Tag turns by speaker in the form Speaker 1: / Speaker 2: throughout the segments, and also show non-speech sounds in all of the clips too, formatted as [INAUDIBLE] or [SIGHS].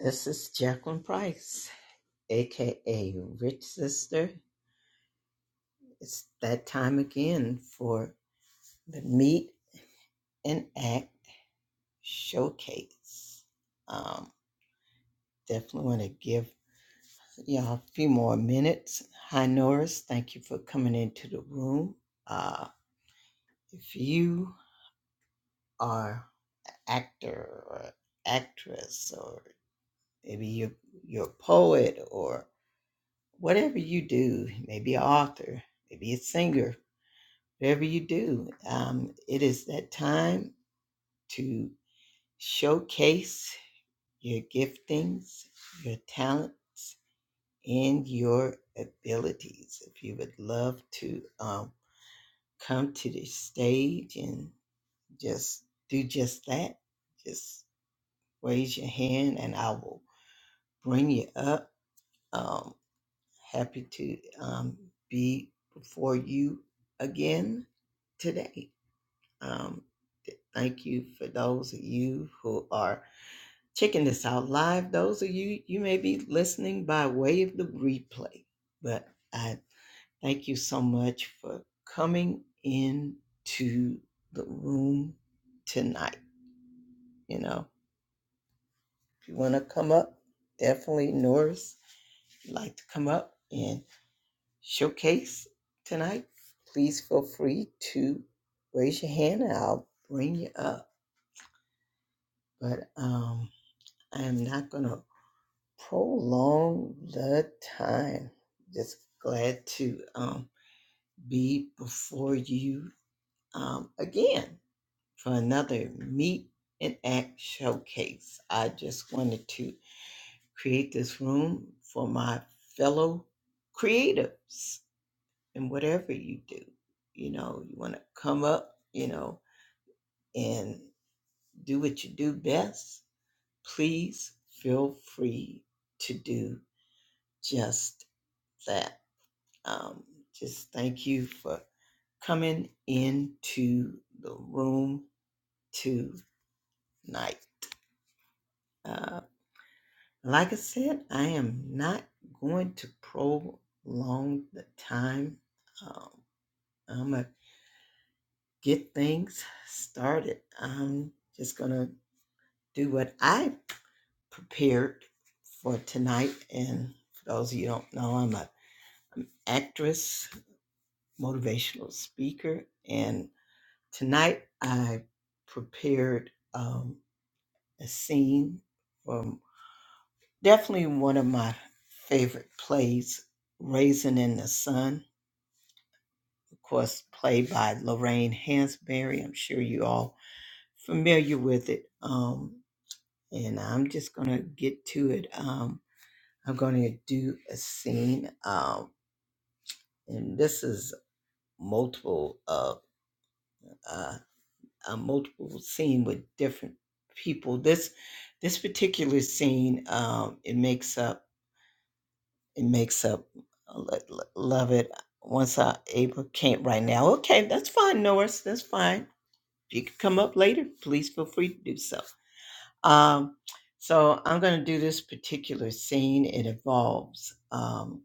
Speaker 1: This is Jacqueline Price, aka Rich Sister. It's that time again for the Meet and Act Showcase. Um, definitely want to give y'all a few more minutes. Hi, Norris. Thank you for coming into the room. Uh, if you are an actor or actress, or maybe you're, you're a poet or whatever you do, maybe an author, maybe a singer, whatever you do, um, it is that time to showcase your giftings, your talents, and your abilities. If you would love to um, come to the stage and just do just that, just raise your hand and I will bring you up. Um, happy to um, be before you again today. Um, Thank you for those of you who are checking this out live. Those of you, you may be listening by way of the replay, but I thank you so much for coming in to the room tonight. You know, if you want to come up, definitely Norris, if you'd like to come up and showcase tonight, please feel free to raise your hand and I'll bring you up. But um, I am not going to prolong the time. Just glad to um, be before you um, again for another Meet and Act showcase. I just wanted to create this room for my fellow creatives and whatever you do. You know, you want to come up, you know, and do what you do best. Please feel free to do just that Um, just thank you for coming into the room tonight. Uh, like I said, I am not going to prolong the time. Um, I'm going to get things started. I'm just going to do what I prepared for tonight. And for those of you who don't know, I'm an actress, motivational speaker, and Tonight I prepared um, a scene from definitely one of my favorite plays, Raisin in the Sun, of course, played by Lorraine Hansberry. I'm sure you all familiar with it. Um, and I'm just going to get to it. Um, I'm going to do a scene, um, and this is multiple. of Uh, uh, multiple scene with different people. This this particular scene, um, it makes up it makes up. uh, lo- lo- Love it. Once I able can't right now. Okay, that's fine, Norris. That's fine. If you can come up later, please feel free to do so. Um, so I'm going to do this particular scene. It involves um,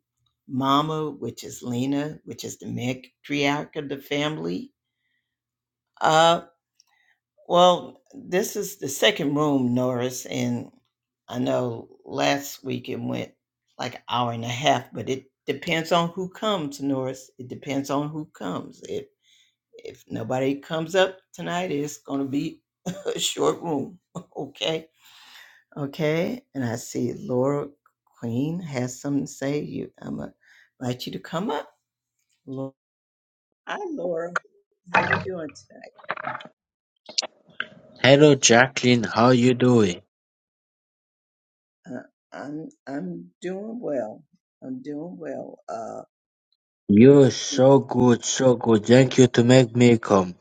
Speaker 1: Mama, which is Lena, which is the matriarch of the family. Uh, Well, this is the second room, Norris, and I know last week it went like an hour and a half, but it depends on who comes, Norris. It depends on who comes. If if nobody comes up tonight, it's gonna be [LAUGHS] a short room. [LAUGHS] okay. Okay. And I see Laura Queen has something to say. You I'm gonna invite you to come up. Lo- Hi Laura. How you doing
Speaker 2: Hello Jacqueline, how you doing?
Speaker 1: Uh, I'm I'm doing well. I'm doing well. Uh,
Speaker 2: You're
Speaker 1: did,
Speaker 2: so good, so good. Thank you to make me come.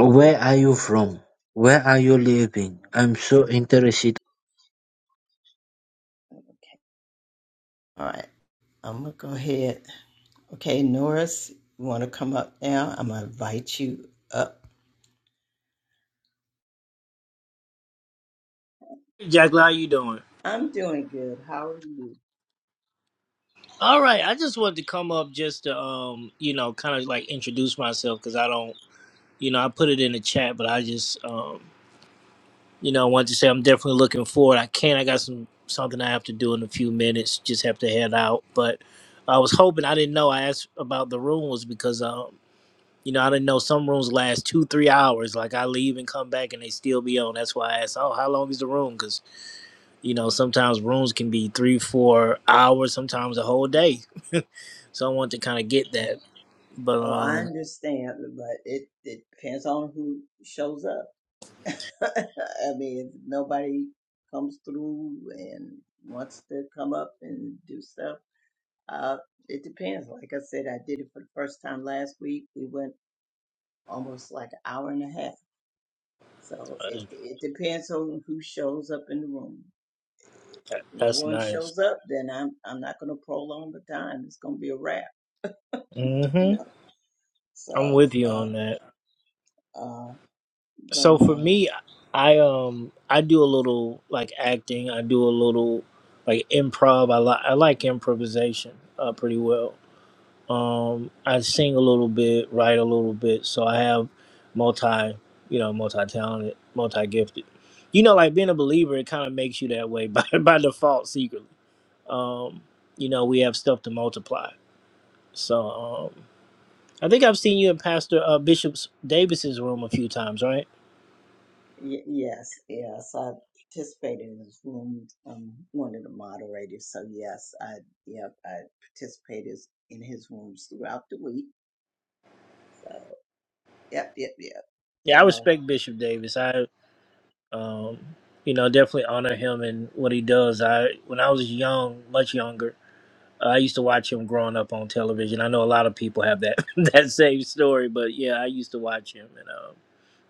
Speaker 2: Where are you from? Where are you living? I'm so interested
Speaker 1: okay. All right. I'm gonna go ahead. Okay, Norris, you want to come up now? I'm gonna invite you up.
Speaker 3: Jack, how you doing?
Speaker 1: I'm doing good. How are you?
Speaker 3: All right, I just wanted to come up just to, um, you know, kind of like introduce myself because I don't, you know, I put it in the chat, but I just, um, you know, wanted to say I'm definitely looking forward. I can't, I got some something I have to do in a few minutes. Just have to head out, but I was hoping I didn't know. I asked about the rooms because, um, you know, I didn't know some rooms last two, three hours. Like I leave and come back and they still be on. That's why I asked, oh, how long is the room? Because You know, sometimes rooms can be three, four hours, sometimes a whole day. [LAUGHS] so I want to kind of get that.
Speaker 1: Oh,
Speaker 3: But
Speaker 1: oh, I
Speaker 3: um,
Speaker 1: understand, but it, it depends on who shows up. [LAUGHS] I mean, if nobody comes through and wants to come up and do stuff, uh, it depends. Like I said, I did it for the first time last week. We went. almost like an hour and a half. So it it depends on who shows up in the room.
Speaker 3: that,
Speaker 1: If no
Speaker 3: that's
Speaker 1: one
Speaker 3: nice.
Speaker 1: shows up, then I'm I'm not going to prolong the time. It's going to be a wrap, you
Speaker 3: hmm
Speaker 1: know.
Speaker 3: I'm
Speaker 1: So,
Speaker 3: with you on
Speaker 1: uh,
Speaker 3: that.
Speaker 1: uh, but
Speaker 3: So for
Speaker 1: um,
Speaker 3: me, I um I do a little like acting. I do a little like improv. I like I like improvisation uh, pretty well. Um, I sing a little bit, write a little bit, so I have multi, you know, multi-talented, multi-gifted. You know, like being a believer, it kind of makes you that way by [LAUGHS] by default secretly. Um, you know, we have stuff to multiply. So um, I think I've seen you in Pastor uh, Bishop Davis's room a few times, right?
Speaker 1: y- yes, yes, I participated in this room. Um, one of the moderators. So yes, I yep, I participated in his rooms throughout the week. So yep, yep, yep.
Speaker 3: Yeah, I
Speaker 1: So
Speaker 3: respect Bishop Davis. I, um, you know, definitely honor him and what he does. I when I was young, much younger. Uh, I used to watch him growing up on television. I know a lot of people have that [LAUGHS] that same story, but yeah, I used to watch him and um,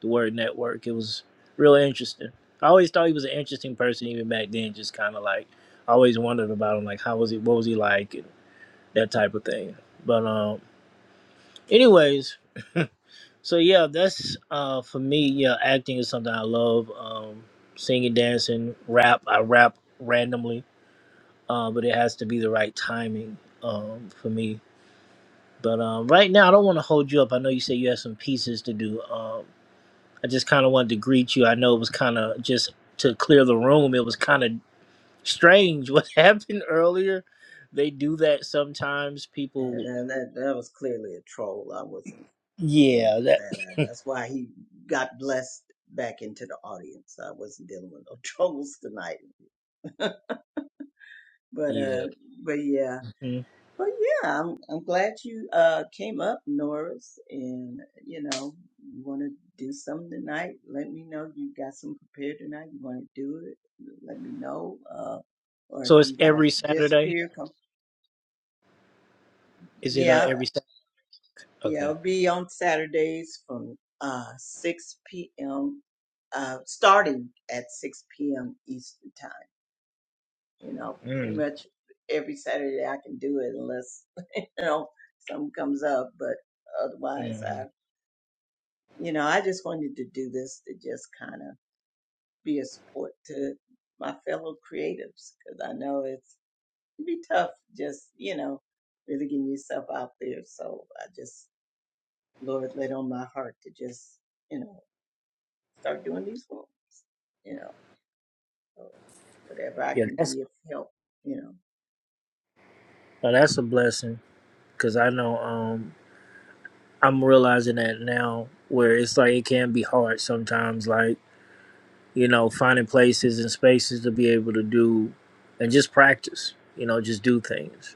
Speaker 3: the Word Network. It was really interesting. I always thought he was an interesting person, even back then. Just kind of like I always wondered about him, like how was he, what was he like, and that type of thing. But um, anyways, [LAUGHS] so yeah, that's uh for me. Yeah, acting is something I love. Um, singing, dancing, rap. I rap randomly, uh, but it has to be the right timing um for me But um, right now, I don't want to hold you up. I know you said you had some pieces to do. Um, I just kind of wanted to greet you. I know it was kind of just to clear the room. It was kind of strange what [LAUGHS] happened earlier. They do that sometimes.
Speaker 1: yeah,
Speaker 3: People,
Speaker 1: that, that that was clearly a troll. I wasn't. dealing
Speaker 3: yeah,
Speaker 1: with
Speaker 3: that
Speaker 1: that. I, that's why he got blessed back into the audience. I wasn't dealing with no [LAUGHS] troubles tonight. But uh,
Speaker 3: yeah.
Speaker 1: but yeah,
Speaker 3: Mhm.
Speaker 1: but yeah, I'm I'm glad you uh came up, Norris, and you know you want to do something tonight. Let me know you got something prepared tonight. You want to do it? Let me know. Uh, or
Speaker 3: So
Speaker 1: if
Speaker 3: it's
Speaker 1: you gotta
Speaker 3: every Saturday.
Speaker 1: disappear, come.
Speaker 3: Is it uh,
Speaker 1: yeah.
Speaker 3: every Saturday?
Speaker 1: Yeah,
Speaker 3: Okay.
Speaker 1: it'll be on Saturdays from uh, 6 p.m. Uh, starting at 6 p.m. Eastern time. You know, pretty
Speaker 3: Mm,
Speaker 1: much every Saturday I can do it unless [LAUGHS] you know something comes up. But otherwise,
Speaker 3: mm.
Speaker 1: I you know I just wanted to do this to just kind of be a support to my fellow creatives because I know it's it'd be tough just you know really getting yourself out there. So I just Lord laid on my heart to just you know. start doing these forms, you know, so whatever I
Speaker 3: Yeah,
Speaker 1: can
Speaker 3: that's
Speaker 1: be of help, you know.
Speaker 3: oh, that's a blessing because I know um I'm realizing that now where it's like it can be hard sometimes. Like. you know, finding places and spaces to be able to do and just practice, you know, just do things.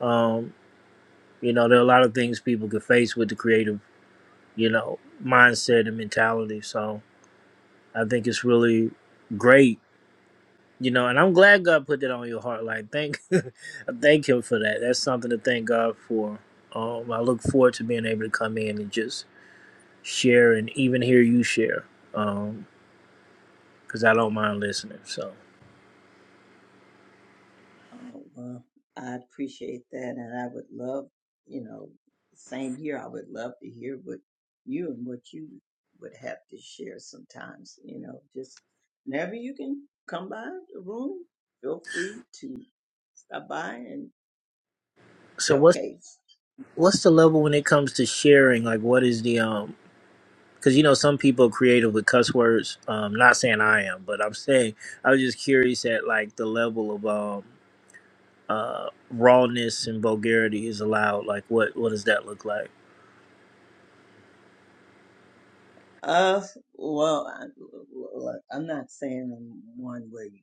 Speaker 3: Um, you know, there are a lot of things people could face with the creative, you know, mindset and mentality. So I think it's really great, you know, and I'm glad God put that on your heart. Like, thank, [LAUGHS] I thank Him for that. That's something to thank God for. Um, I look forward to being able to come in and just share and even hear you share because I don't mind listening. So,
Speaker 1: Oh, well, I appreciate that. And I would love, you know, same here. I would love to hear what you and what you would have to share sometimes, you know, just whenever you can come by the room, feel free to stop by and
Speaker 3: so what's
Speaker 1: showcase.
Speaker 3: what's the level when it comes to sharing? Like, what is the um? Because you know, some people are creative with cuss words. Um, not saying I am, but I'm saying I was just curious at like the level of um uh rawness and vulgarity is allowed. Like, what what does that look like?
Speaker 1: Uh, well, I, look, I'm not saying I'm one where you,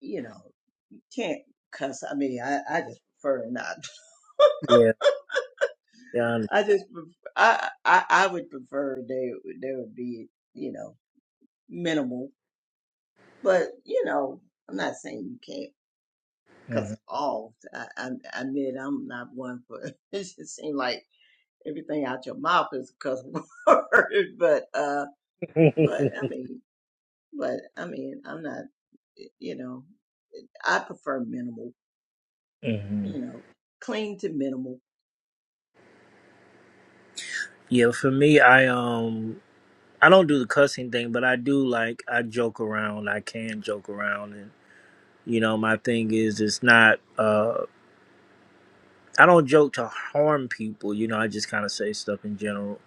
Speaker 1: you know, you can't cuss. I mean, I, I just prefer not. [LAUGHS]
Speaker 3: Yeah, yeah.
Speaker 1: I just, pref- I, I, I would prefer they, there would be, you know, minimal. But you know, I'm not saying you can't, cause
Speaker 3: hmm
Speaker 1: all. I, I, I admit I'm not one for. [LAUGHS] It just seems like everything out your mouth is a cuss [LAUGHS] word. But, uh, but I mean, but I mean, I'm not. You know, I prefer minimal.
Speaker 3: hmm
Speaker 1: You know, clean to minimal.
Speaker 3: [LAUGHS] Yeah, for me, I um I don't do the cussing thing, but I do like I joke around. I can joke around, and you know, my thing is it's not. Uh, I don't joke to harm people. You know, I just kind of say stuff in general.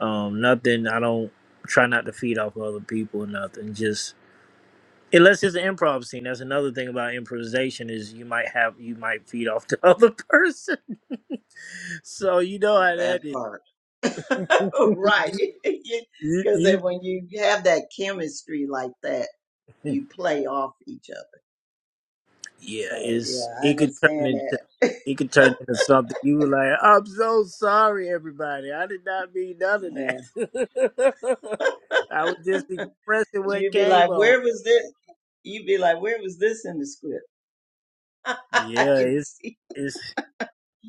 Speaker 3: Um, nothing. I don't try not to feed off of other people. or Nothing. Just unless it's an improv scene. That's another thing about improvisation is you might have you might feed off the [LAUGHS] other person. so you know how
Speaker 1: That
Speaker 3: that is.
Speaker 1: part, [LAUGHS] right? [LAUGHS]
Speaker 3: You,
Speaker 1: Because
Speaker 3: you
Speaker 1: when you have that chemistry like that.
Speaker 3: hmm,
Speaker 1: you play off each other.
Speaker 3: yeah.
Speaker 1: So yeah,
Speaker 3: It's
Speaker 1: I
Speaker 3: it could turn
Speaker 1: understand
Speaker 3: into.
Speaker 1: that. [LAUGHS]
Speaker 3: It could turn into something. You were like, "I'm so sorry, everybody. I did not mean none of
Speaker 1: Yeah.
Speaker 3: that. [LAUGHS] I was just expressing what
Speaker 1: You'd be
Speaker 3: came
Speaker 1: like, where was this? You'd be like, where was this in the script? [LAUGHS] I
Speaker 3: Yeah,
Speaker 1: didn't
Speaker 3: it's
Speaker 1: see.
Speaker 3: it's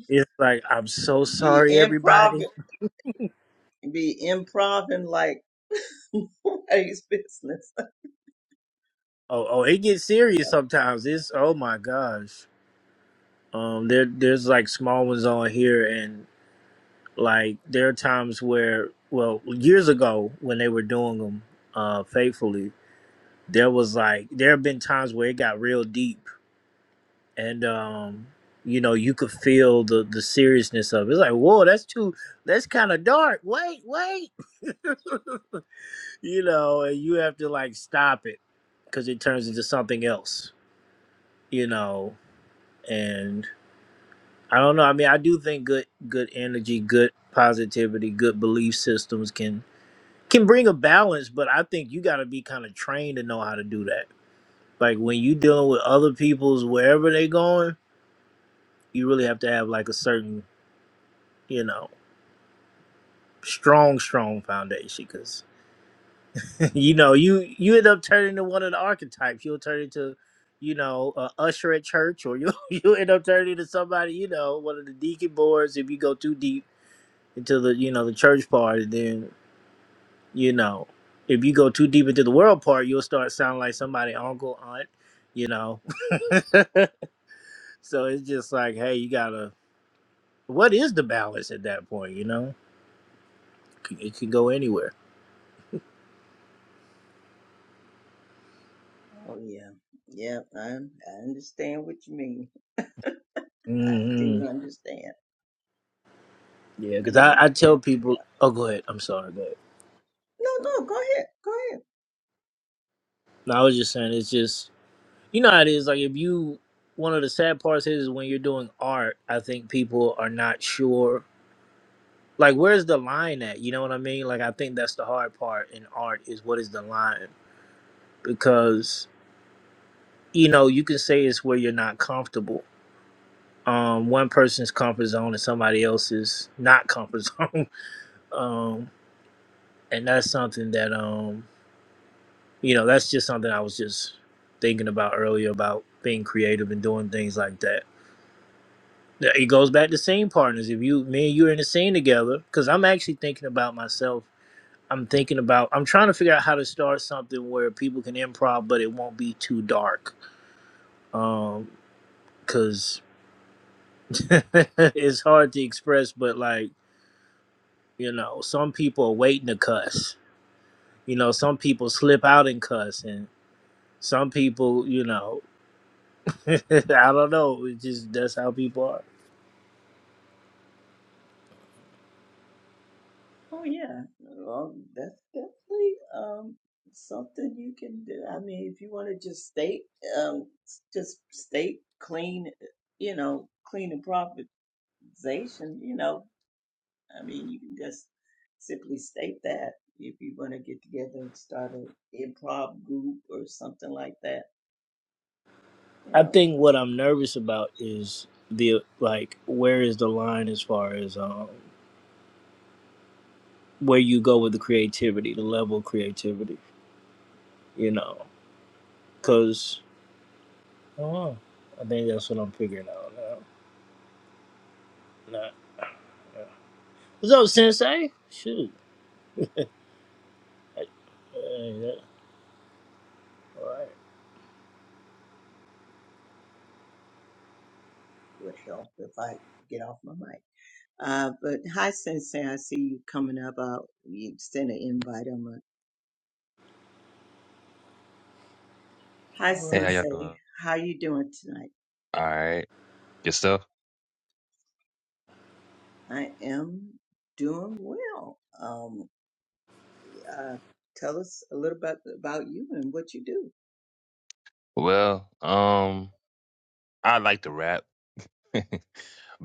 Speaker 3: it's like I'm so
Speaker 1: Be
Speaker 3: sorry,
Speaker 1: improv,
Speaker 3: everybody.
Speaker 1: be improving like [LAUGHS] nobody's business.
Speaker 3: Oh, oh, it gets serious sometimes. It's oh my gosh. Um, there there's like small ones on here, and like there are times where, well, years ago when they were doing them uh, faithfully, there was like there have been times where it got real deep, and um, you know, you could feel the the seriousness of it. It's like, whoa, that's too, that's kind of dark. Wait, wait. [LAUGHS] you know, and you have to like stop it because it turns into something else, you know. And I don't know. I mean, I do think good, good energy, good positivity, good belief systems can can bring a balance, but I think you got to be kind of trained to know how to do that. Like when you dealing with other people's wherever they going, you really have to have like a certain, you know, strong, strong foundation. You know, you you end up turning to one of the archetypes. You'll turn into, you know, a usher at church, or you [LAUGHS] you end up turning into somebody, you know, one of the deacon boards. If you go too deep into the you know the church part, and then you know, if you go too deep into the world part, you'll start sounding like somebody uncle aunt, you know. [LAUGHS] so it's just like, hey, you gotta. What is the balance at that point? You know, it can go anywhere.
Speaker 1: Oh yeah, yeah. I I understand what you mean. I
Speaker 3: hmm
Speaker 1: do understand.
Speaker 3: Yeah, because I
Speaker 1: Yeah,
Speaker 3: I tell
Speaker 1: yeah,
Speaker 3: people,
Speaker 1: yeah.
Speaker 3: oh, go ahead. I'm sorry, go ahead.
Speaker 1: No, no. Go ahead. Go ahead.
Speaker 3: No, I was just saying it's just you know how it is like if you one of the sad parts is when you're doing art i think people are not sure like where's the line at you know what i mean like i think that's the hard part in art is what is the line because you know you can say it's where you're not comfortable um one person's comfort zone and somebody else's not comfort [LAUGHS] zone um and that's something that um you know that's just something i was just thinking about earlier about being creative and doing things like that It goes back to scene partners. If you, me and you are in the scene together, because I'm actually thinking about myself. I'm thinking about. I'm trying to figure out how to start something where people can improv, but it won't be too dark. Um, because [LAUGHS] it's hard to express, but like you know, some people are waiting to cuss. You know, some people slip out and cuss, and some people, you know, [LAUGHS] I don't know. It just that's how people are.
Speaker 1: Oh yeah. Um, that's definitely um something you can do. I mean, if you want to just state um s- just state clean, you know, clean improvisation. You know, I mean, you can just simply state that if you want to get together and start an improv group or something like that you
Speaker 3: I
Speaker 1: know.
Speaker 3: think what I'm nervous about is the like where is the line as far as um where you go with the creativity, the level of creativity, you know? Because I don't know. I think that's what I'm figuring out now. Not, yeah. What's up, Sensei? Shoot. Hey, yeah. All right.
Speaker 1: would help if I get off my mic. Uh, but hi, Sensei. I see you coming up. I'll you send an invite. I'm a, hi,
Speaker 3: All
Speaker 4: Hey, how
Speaker 3: right.
Speaker 4: y'all doing?
Speaker 1: Sensei. How you doing tonight?
Speaker 4: All right, good stuff.
Speaker 1: I am doing well. Um, uh, tell us a little bit about you and what you do.
Speaker 4: Well, um, I like to rap. [LAUGHS]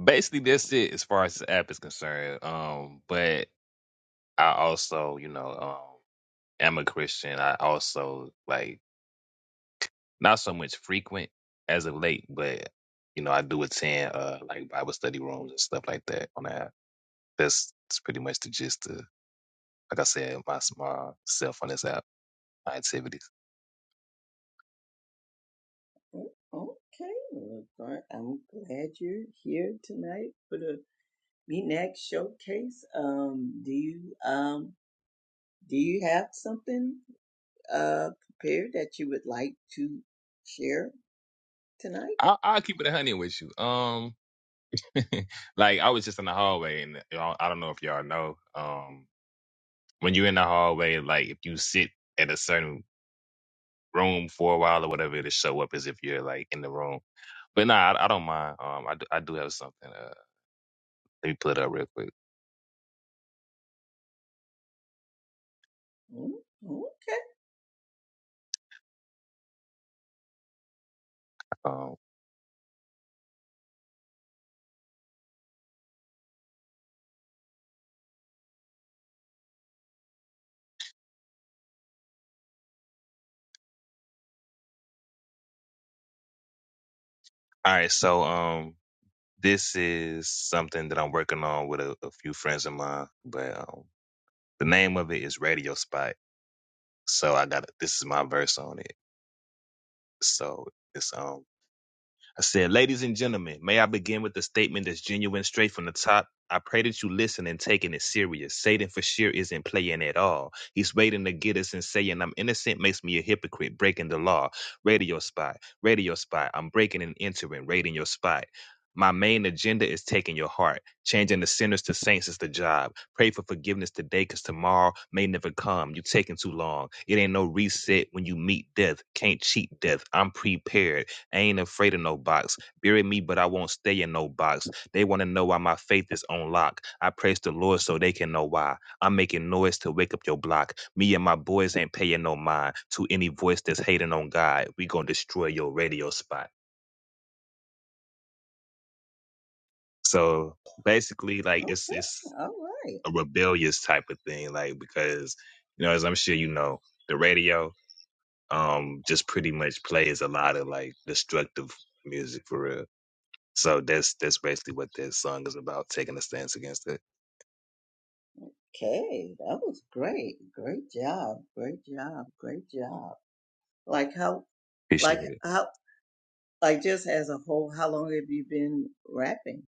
Speaker 4: Basically, that's it as far as the app is concerned. Um, but I also, you know, um, am a Christian. I also like not so much frequent as of late, but you know, I do attend uh like Bible study rooms and stuff like that on the app. That's, that's pretty much the gist of, like I said, my my self on this app, my activities.
Speaker 1: "Oh, Okay, well, all right, I'm glad you're here tonight. for the. Me next showcase. Um, do you um do you have something uh prepared that you would like to share tonight?
Speaker 4: I, I'll keep it a hundred with you. Um. [LAUGHS] like I was just in the hallway, and I don't I don't know if y'all know. Um, when you're in the hallway, like if you sit at a certain room for a while or whatever, it'll show up as if you're like in the room. But nah, I, I don't mind. Um, I do, I do have something. Uh, let me pull it up real quick.
Speaker 1: Mm, okay,
Speaker 4: Um, all right, so um, this is something that I'm working on with a, a few friends of mine, but um, the name of it is Radio Spot. So I got this is my verse on it. So it's um I said, Ladies and gentlemen, may I begin with a statement that's genuine straight from the top? I pray that you listen and taking it serious. Satan for sure isn't playing at all. He's waiting to get us and saying I'm innocent makes me a hypocrite, breaking the law. Radio spot, radio spot. I'm breaking and entering, raiding your spot. My main agenda is taking your heart. Changing the sinners to saints is the job. Pray for forgiveness today because tomorrow may never come. you taking too long. It ain't no reset when you meet death. Can't cheat death. I'm prepared. I ain't afraid of no box. Bury me, but I won't stay in no box. They want to know why my faith is on lock. I praise the Lord so they can know why. I'm making noise to wake up your block. Me and my boys ain't paying no mind to any voice that's hating on God. We gonna destroy your radio spot. So basically, like it's it's
Speaker 1: okay, all right.
Speaker 4: a rebellious type of thing, like because you know, as I'm sure you know, the radio um just pretty much plays a lot of like destructive music for real. So that's that's basically what that song is about, taking a stance against it.
Speaker 1: Okay, that was great. Great job. Great job. Great job. Like how, like
Speaker 4: Appreciate it.
Speaker 1: how, like just as a whole, how long have you been rapping?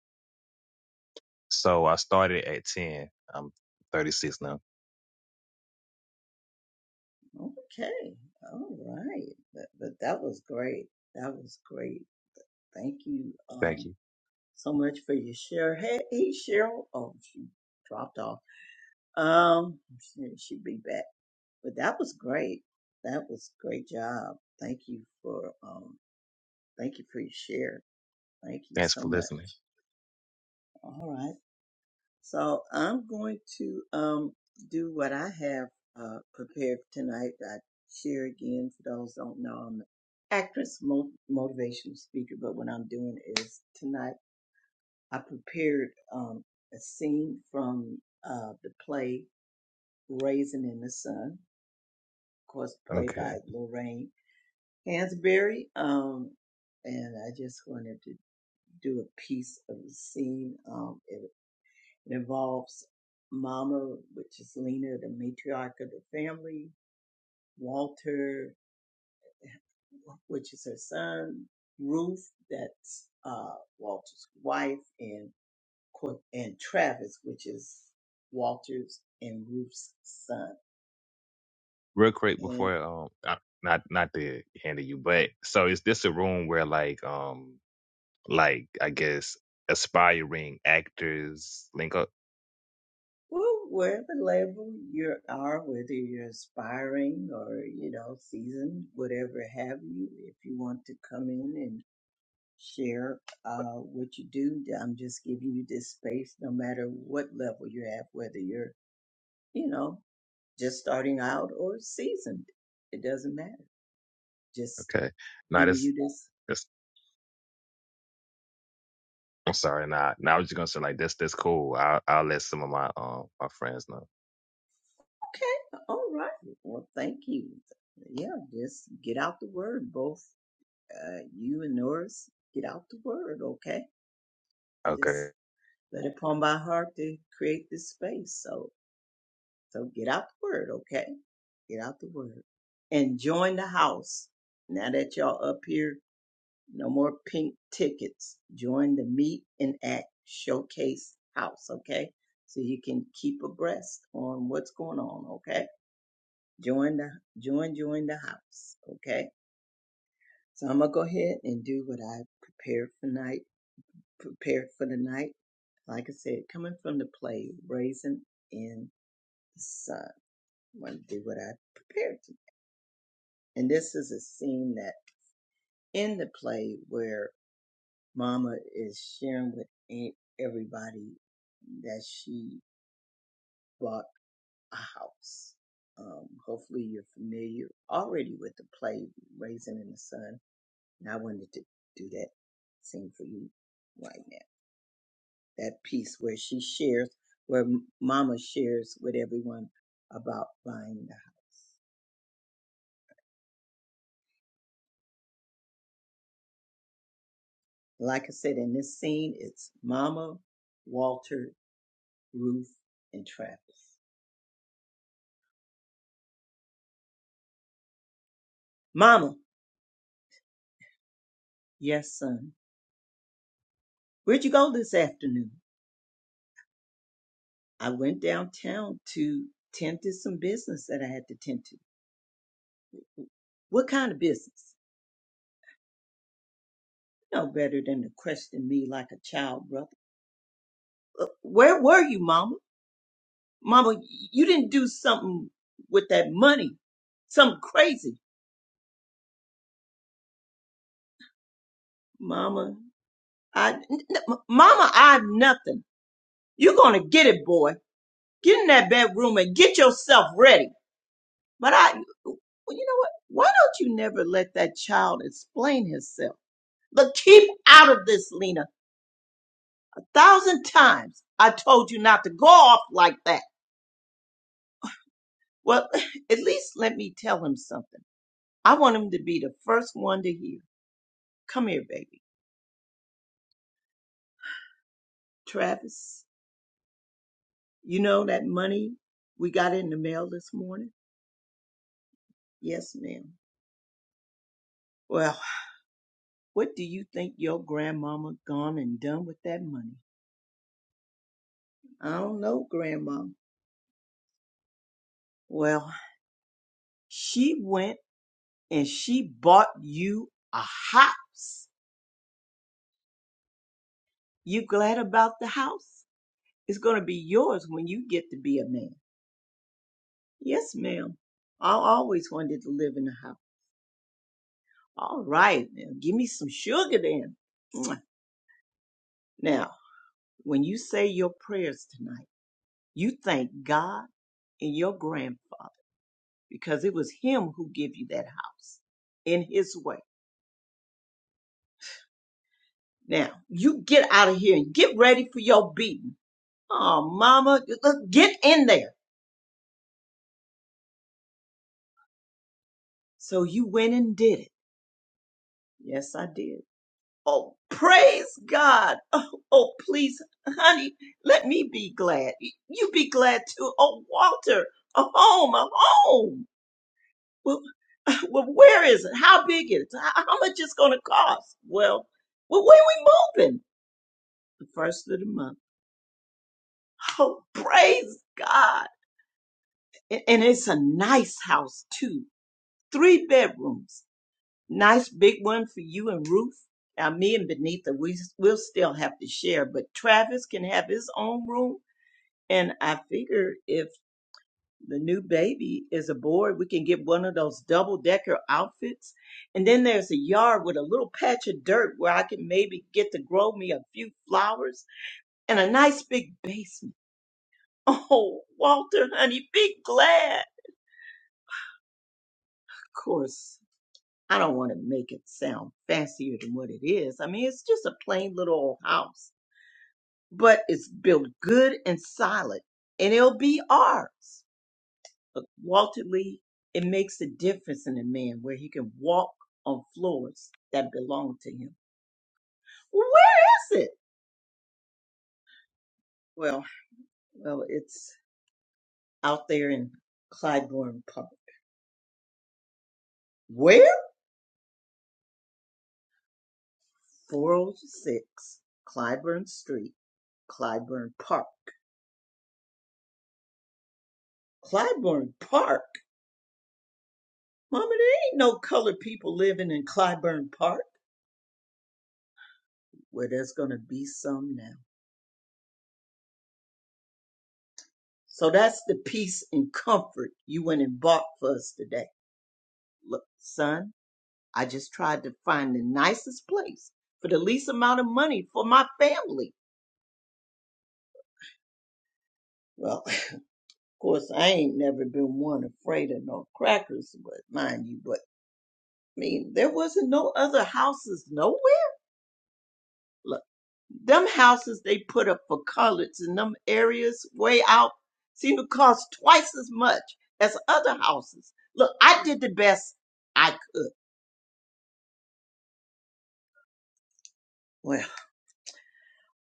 Speaker 4: So I started at ten. I'm 36 now.
Speaker 1: Okay, all right. But, but that was great. That was great. Thank you. Um.
Speaker 4: Thank you.
Speaker 1: So much for your share. Hey, hey, Cheryl. Oh, she dropped off. Um, she- she'll be back. But that was great. That was great job. Thank you for um, thank you for your share. Thank you
Speaker 4: Thanks
Speaker 1: so
Speaker 4: for
Speaker 1: much.
Speaker 4: listening.
Speaker 1: All right. So I'm going to um do what I have uh prepared for tonight. I share again for those who don't know. I'm an actress, mo- motivational speaker. But what I'm doing is tonight. I prepared um, a scene from uh, the play Raisin in the Sun, of course, played by
Speaker 4: Okay,
Speaker 1: Lorraine Hansberry. Um, and I just wanted to do a piece of the scene. Um, it, it involves Mama, which is Lena, the matriarch of the family, Walter, which is her son, Ruth, that's uh, Walter's wife, and Qu- and Travis, which is Walter's and Ruth's son.
Speaker 4: real quick
Speaker 1: And
Speaker 4: before um, I, not not to handle you, but so is this a room where like um like I guess aspiring actors link up?
Speaker 1: well, wherever level you are, whether you're aspiring or, you know, seasoned, whatever have you, if you want to come in and share uh, what you do, I'm just giving you this space no matter what level you're at, whether you're, you know, just starting out or seasoned. It doesn't matter. Just
Speaker 4: Okay, no,
Speaker 1: giving
Speaker 4: this
Speaker 1: you this
Speaker 4: this I'm sorry, nah. Now I was just gonna say like this this cool. I'll I'll let some of my um my friends know.
Speaker 1: Okay. All right. Well, thank you. Yeah, just get out the word, both uh, you and Norris. Get out the word, okay?
Speaker 4: Okay,
Speaker 1: Just let it come by heart to create this space. So, so get out the word, okay? Get out the word and join the house. Now that y'all up here, no more pink tickets. Join the Meet and Act Showcase House, okay? So you can keep abreast on what's going on, okay? Join the join join the house. Okay. So I'm gonna go ahead and do what I prepared for night prepared for the night. Like I said, coming from the play, raising in the sun. I'm gonna do what I prepared to. And this is a scene that in the play where Mama is sharing with e- everybody that she bought a house. Um, hopefully you're familiar already with the play Raising in the Sun And I wanted to do that same for you right now. That piece where she shares, where Mama shares with everyone about buying the house. Like I said, in this scene, it's Mama, Walter, Ruth, and Travis. Mama, yes, son. Where'd you go this afternoon? I went downtown to tend to some business that I had to tend to. What kind of business? No better than to question me like a child, brother. "Uh, Where were you, Mama? Mama, you didn't do something with that money, something crazy. Mama, I, n- n- Mama, I have nothing. You're going to get it, boy. Get in that bedroom and get yourself ready. But I, well, you know what? Why don't you never let that child explain herself? But keep out of this, Lena. A thousand times I told you not to go off like that. Well, [LAUGHS] at least let me tell him something. I want him to be the first one to hear. Come here, baby. Travis, You know that money we got in the mail this morning? Yes, ma'am. Well, what do you think your grandmama gone and done with that money? I don't know, grandma. Well, she went and she bought you a house. You glad about the house? It's going to be yours when you get to be a man. Yes, ma'am. I always wanted to live in a house. All right, now give me some sugar then. Now, when you say your prayers tonight, You thank God and your grandfather because it was him who gave you that house in his way. Now, you get out of here and get ready for your beating. Oh, mama, get in there. So you went and did it. Yes, I did. Oh, praise God. Oh, oh, please, honey, let me be glad. You be glad too. Oh, Walter, a home, a home. Well. well, where is it? How big is it? How, how much it's going to cost? Well, well, when we moving? The first of the month. Oh, praise God. And, and it's a nice house too. Three bedrooms. Nice big one for you and Ruth. Now, me and Benita, we, we'll still have to share, but Travis can have his own room. And I figure if The new baby is aboard. We can get one of those double decker outfits. And then there's a yard with a little patch of dirt where I can maybe get to grow me a few flowers and a nice big basement. [LAUGHS] Oh, Walter, honey, be glad. Of course, I don't want to make it sound fancier than what it is. I mean, it's just a plain little old house, but it's built good and solid, and it'll be ours. But Walter Lee, it makes a difference in a man where he can walk on floors that belong to him. Where is it? Well, well, it's out there in Clybourne Park. Where? 406 Clybourne Street, Clybourne Park. Clybourne Park? Mama, there ain't no colored people living in Clybourne Park. Well, there's gonna be some now. So that's the peace and comfort you went and bought for us today. Look, son. I just tried to find the nicest place for the least amount of money for my family. Well, [LAUGHS] of course, I ain't never been one afraid of no crackers, but mind you, but I mean, there wasn't no other houses nowhere. Look, them houses they put up for coloreds in them areas way out seem to cost twice as much as other houses. Look, I did the best I could. Well,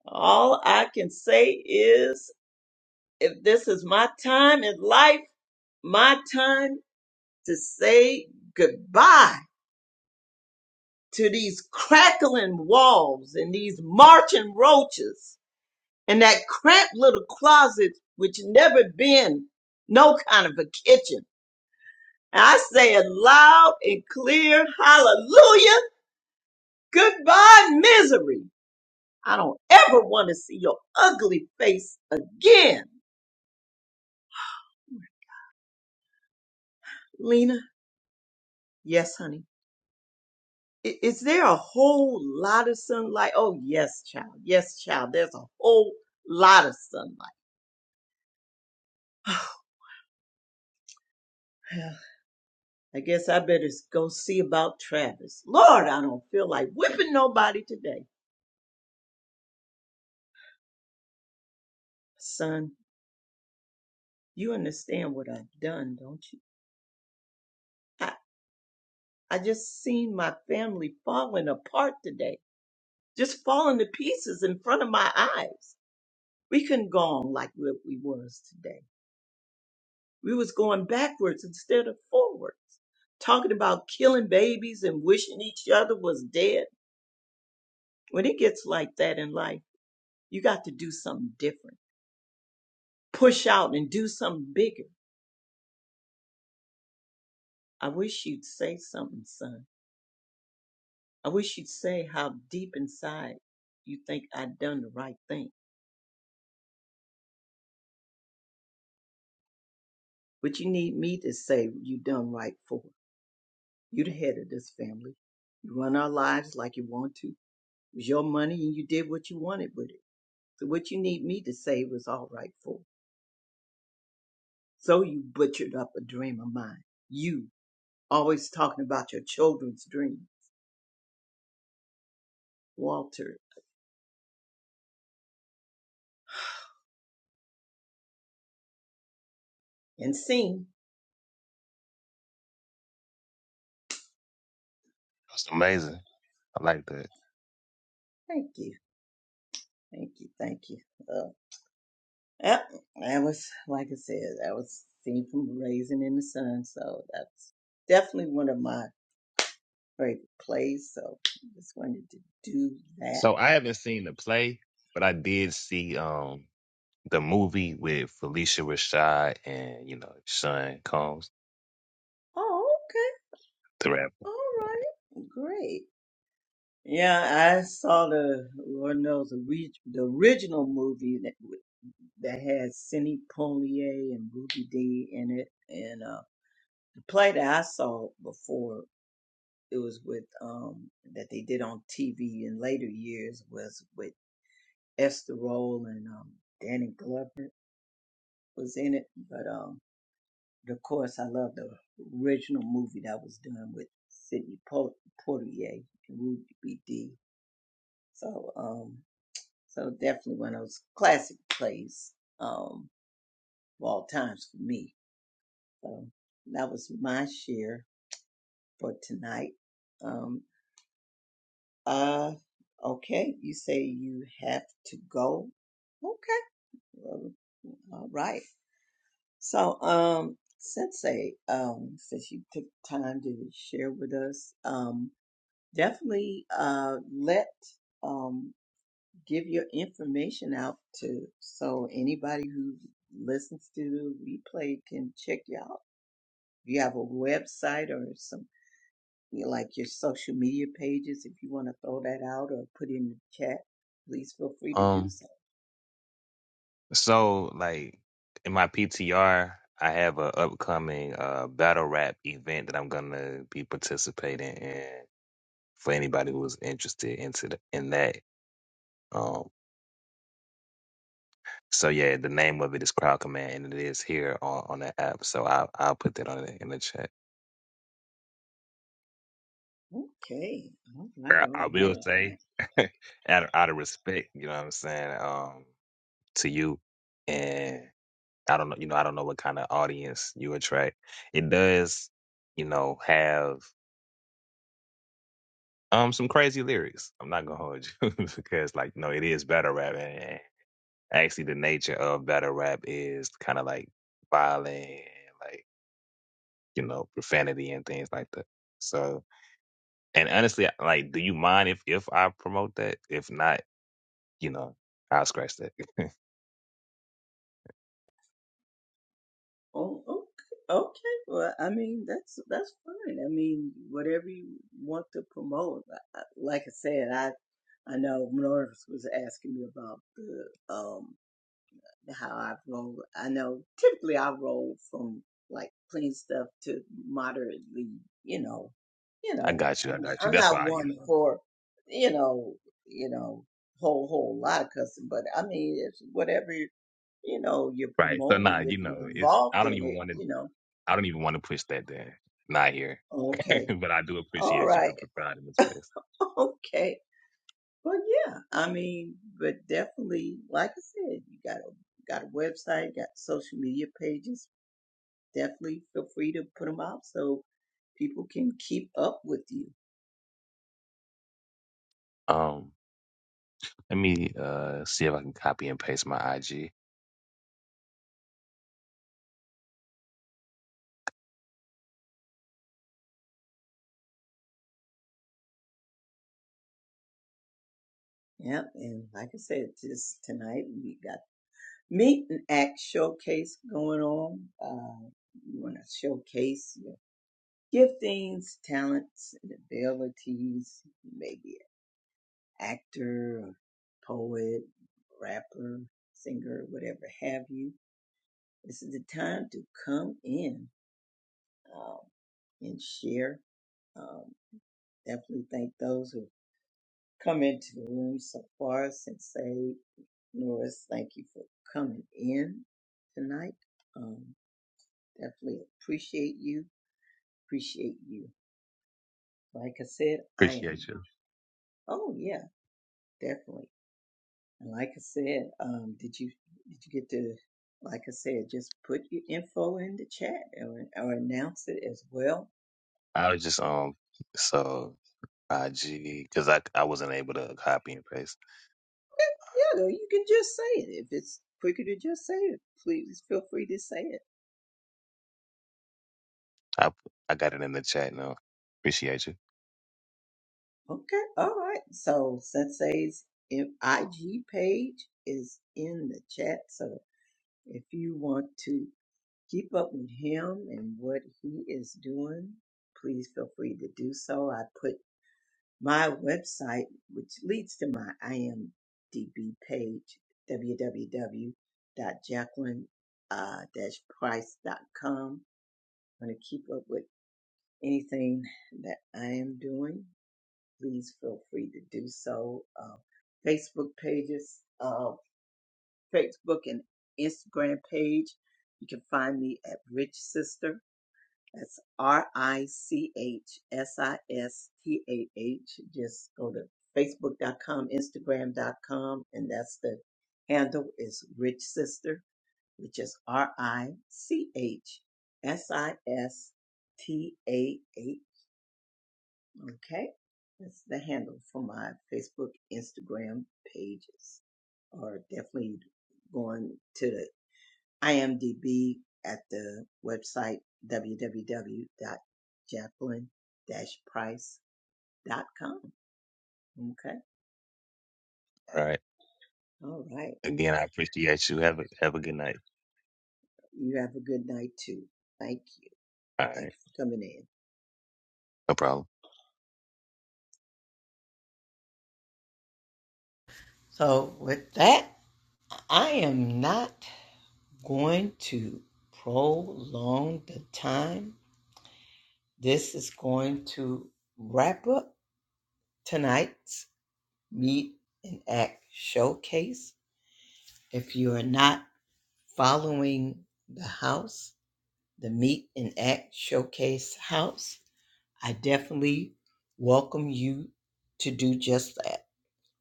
Speaker 1: all I can say is if this is my time in life, my time to say goodbye to these crackling walls and these marching roaches and that cramped little closet which never been no kind of a kitchen. And I say it loud and clear, hallelujah, goodbye misery. I don't ever want to see your ugly face again. Lena, yes, honey. I- Is there a whole lot of sunlight? Oh, yes, child. Yes, child. There's a whole lot of sunlight. [SIGHS] Well, I guess I better s- go see about Travis. Lord, I don't feel like whipping nobody today. Son, you understand what I've done, don't you? I, I just seen my family falling apart today, just falling to pieces in front of my eyes. We couldn't go on like what we was today. We was going backwards instead of forwards, talking about killing babies and wishing each other was dead. When it gets like that in life, you got to do something different. Push out and do something bigger. I wish you'd say something, son. I wish you'd say how deep inside you think I done the right thing. But you need me to say you done right for. You the head of this family. You run our lives like you want to. It was your money and you did what you wanted with it. So what you need me to say was all right for. So you butchered up a dream of mine. You always talking about your children's dream, Walter and Sing.
Speaker 4: that's amazing. I like that.
Speaker 1: Thank you, thank you, thank you. Uh, yep, that was like I said, that was seen from Raising in the Sun. So that's definitely one of my favorite plays. So I just wanted to do that.
Speaker 4: So I haven't seen the play, but I did see um the movie with Felicia Rashad and you know Sean Combs,
Speaker 1: Oh, okay,
Speaker 4: the rapper.
Speaker 1: all right, great. Yeah, I saw the Lord knows the, re- the original movie that that had Sidney Poitier and Ruby Dee in it, and uh, the play that I saw before it was with um that they did on TV in later years was with Esther Roll and um, Danny Glover was in it, but um of course I love the original movie that was done with Sidney Po- Poitier and Ruby Dee. So um So definitely one of those classic plays um, of all times for me. So that was my share for tonight. Um, uh, okay, you say you have to go. Okay, well, all right. So, um, Sensei, um, since you took time to share with us, um, definitely uh, let um, give your information out to so anybody who listens to the replay can check you out. If you have a website or some you know, like your social media pages, if you want to throw that out or put in the chat, please feel free to do
Speaker 4: Um,
Speaker 1: so.
Speaker 4: so like in my PTR, I have a upcoming uh battle rap event that I'm gonna be participating in for anybody who's interested into the, in that. Um, so yeah, the name of it is Crowd Command, and it is here on on the app. So I'll I'll put that on the, in the chat.
Speaker 1: Okay, all right,
Speaker 4: I
Speaker 1: all
Speaker 4: I
Speaker 1: right,
Speaker 4: will
Speaker 1: all
Speaker 4: say,
Speaker 1: right.
Speaker 4: [LAUGHS] out of, out of respect, you know what I'm saying, um, to you, and I don't know, you know, I don't know what kind of audience you attract. It does, you know, have um some crazy lyrics. I'm not gonna hold you [LAUGHS] because, like, no, it is battle rap, and actually, the nature of battle rap is kind of like violent, and, like you know, profanity and things like that. So, and honestly, like, do you mind if if I promote that? If not, you know, I'll scratch that. [LAUGHS]
Speaker 1: Oh, okay. Okay, well, I mean that's that's fine. I mean, whatever you want to promote. I- I- Like I said, I I know Norris was asking me about the um. how I've rolled. I know typically I roll from like clean stuff to moderately, you know, you
Speaker 4: I
Speaker 1: know,
Speaker 4: got
Speaker 1: I'm
Speaker 4: you. I
Speaker 1: not,
Speaker 4: got you.
Speaker 1: I'm
Speaker 4: That's
Speaker 1: not
Speaker 4: why, you
Speaker 1: one
Speaker 4: know.
Speaker 1: for, you know, you know, whole whole lot of custom, but I mean, it's whatever you know you're
Speaker 4: Right. So nah,
Speaker 1: promoting, if
Speaker 4: you
Speaker 1: you're
Speaker 4: know, it's I
Speaker 1: involved
Speaker 4: don't
Speaker 1: in
Speaker 4: even
Speaker 1: it,
Speaker 4: want to
Speaker 1: you know,
Speaker 4: I don't even want to push that there. Not here. [LAUGHS]
Speaker 1: okay,
Speaker 4: but I do
Speaker 1: all
Speaker 4: appreciate you
Speaker 1: right,
Speaker 4: for providing the space.
Speaker 1: [LAUGHS] okay, well, yeah, I mean, but definitely, like I said, you got a got a website, got social media pages definitely feel free to put them out so people can keep up with you.
Speaker 4: Um let me uh see if I can copy and paste my IG.
Speaker 1: Yep. And like I said, just tonight we got meet and act showcase going on. Uh, you want to showcase your giftings, talents, and abilities. Maybe an actor, poet, rapper, singer, whatever have you. This is the time to come in um, and share um, definitely thank those who Come into the room so far since saved. Norris, thank you for coming in tonight. Um, definitely appreciate you. Appreciate you. Like I said, I am.
Speaker 4: Appreciate you.
Speaker 1: Oh yeah, definitely. And like I said, um, did you did you get to? Like I said, just put your info in the chat or or announce it as well.
Speaker 4: I was just um so IG because I I wasn't able to copy and paste.
Speaker 1: Yeah, though, you can just say it if it's quicker to just say it. Please feel free to say it
Speaker 4: I I got it in the chat now. Appreciate you.
Speaker 1: Okay, all right. So Sensei's in- IG page is in the chat. So if you want to keep up with him and what he is doing, please feel free to do so. I put my website, which leads to my IMDb page, www.jacqueline-price.com. Want to keep up with anything that I am doing please feel free to do so. Uh, Facebook pages, uh, Facebook and Instagram page. You can find me at Rich Sister. That's R I C H S I S T A H. Just go to Facebook.com, Instagram.com, and that's the handle is Rich Sister, which is R I C H S I S T A H. Okay. That's the handle for my Facebook, Instagram pages. Or definitely going to the IMDb at the website www.jacqueline-price.com. Okay.
Speaker 4: All right.
Speaker 1: All right.
Speaker 4: Again, I appreciate you. Have a have a good night.
Speaker 1: You have a good night too. Thank you.
Speaker 4: All
Speaker 1: Thank
Speaker 4: right.
Speaker 1: you for coming in.
Speaker 4: No problem.
Speaker 1: So with that, I am not going to prolong the time This is going to wrap up tonight's Meet and Act Showcase. If you are not following the house, the Meet and Act Showcase house, I definitely welcome you to do just that.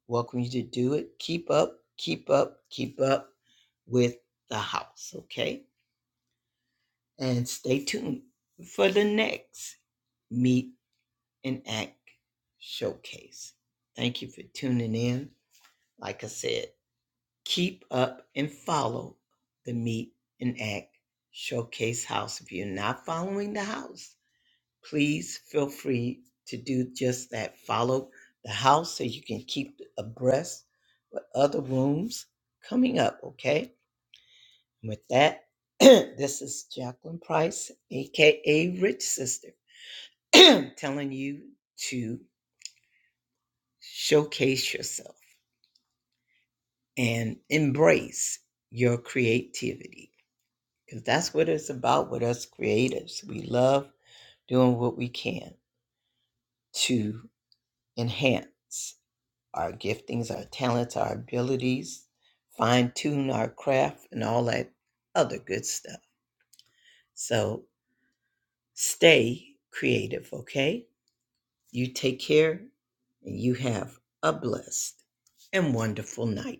Speaker 1: Welcome you to do it. Keep up, keep up, keep up with the house, okay? And stay tuned for the next Meet and Act Showcase. Thank you for tuning in. Like I said, keep up and follow the Meet and Act Showcase House. If you're not following the house, please feel free to do just that. Follow the house so you can keep abreast with other rooms coming up, okay? And with that, [CLEARS THROAT] this is Jacqueline Price, aka Rich Sister, [CLEARS THROAT] telling you to showcase yourself and embrace your creativity because that's what it's about with us creatives. We love doing what we can to enhance our giftings, our talents, our abilities, fine tune our craft, and all that other good stuff. So stay creative, okay? You take care and you have a blessed and wonderful night.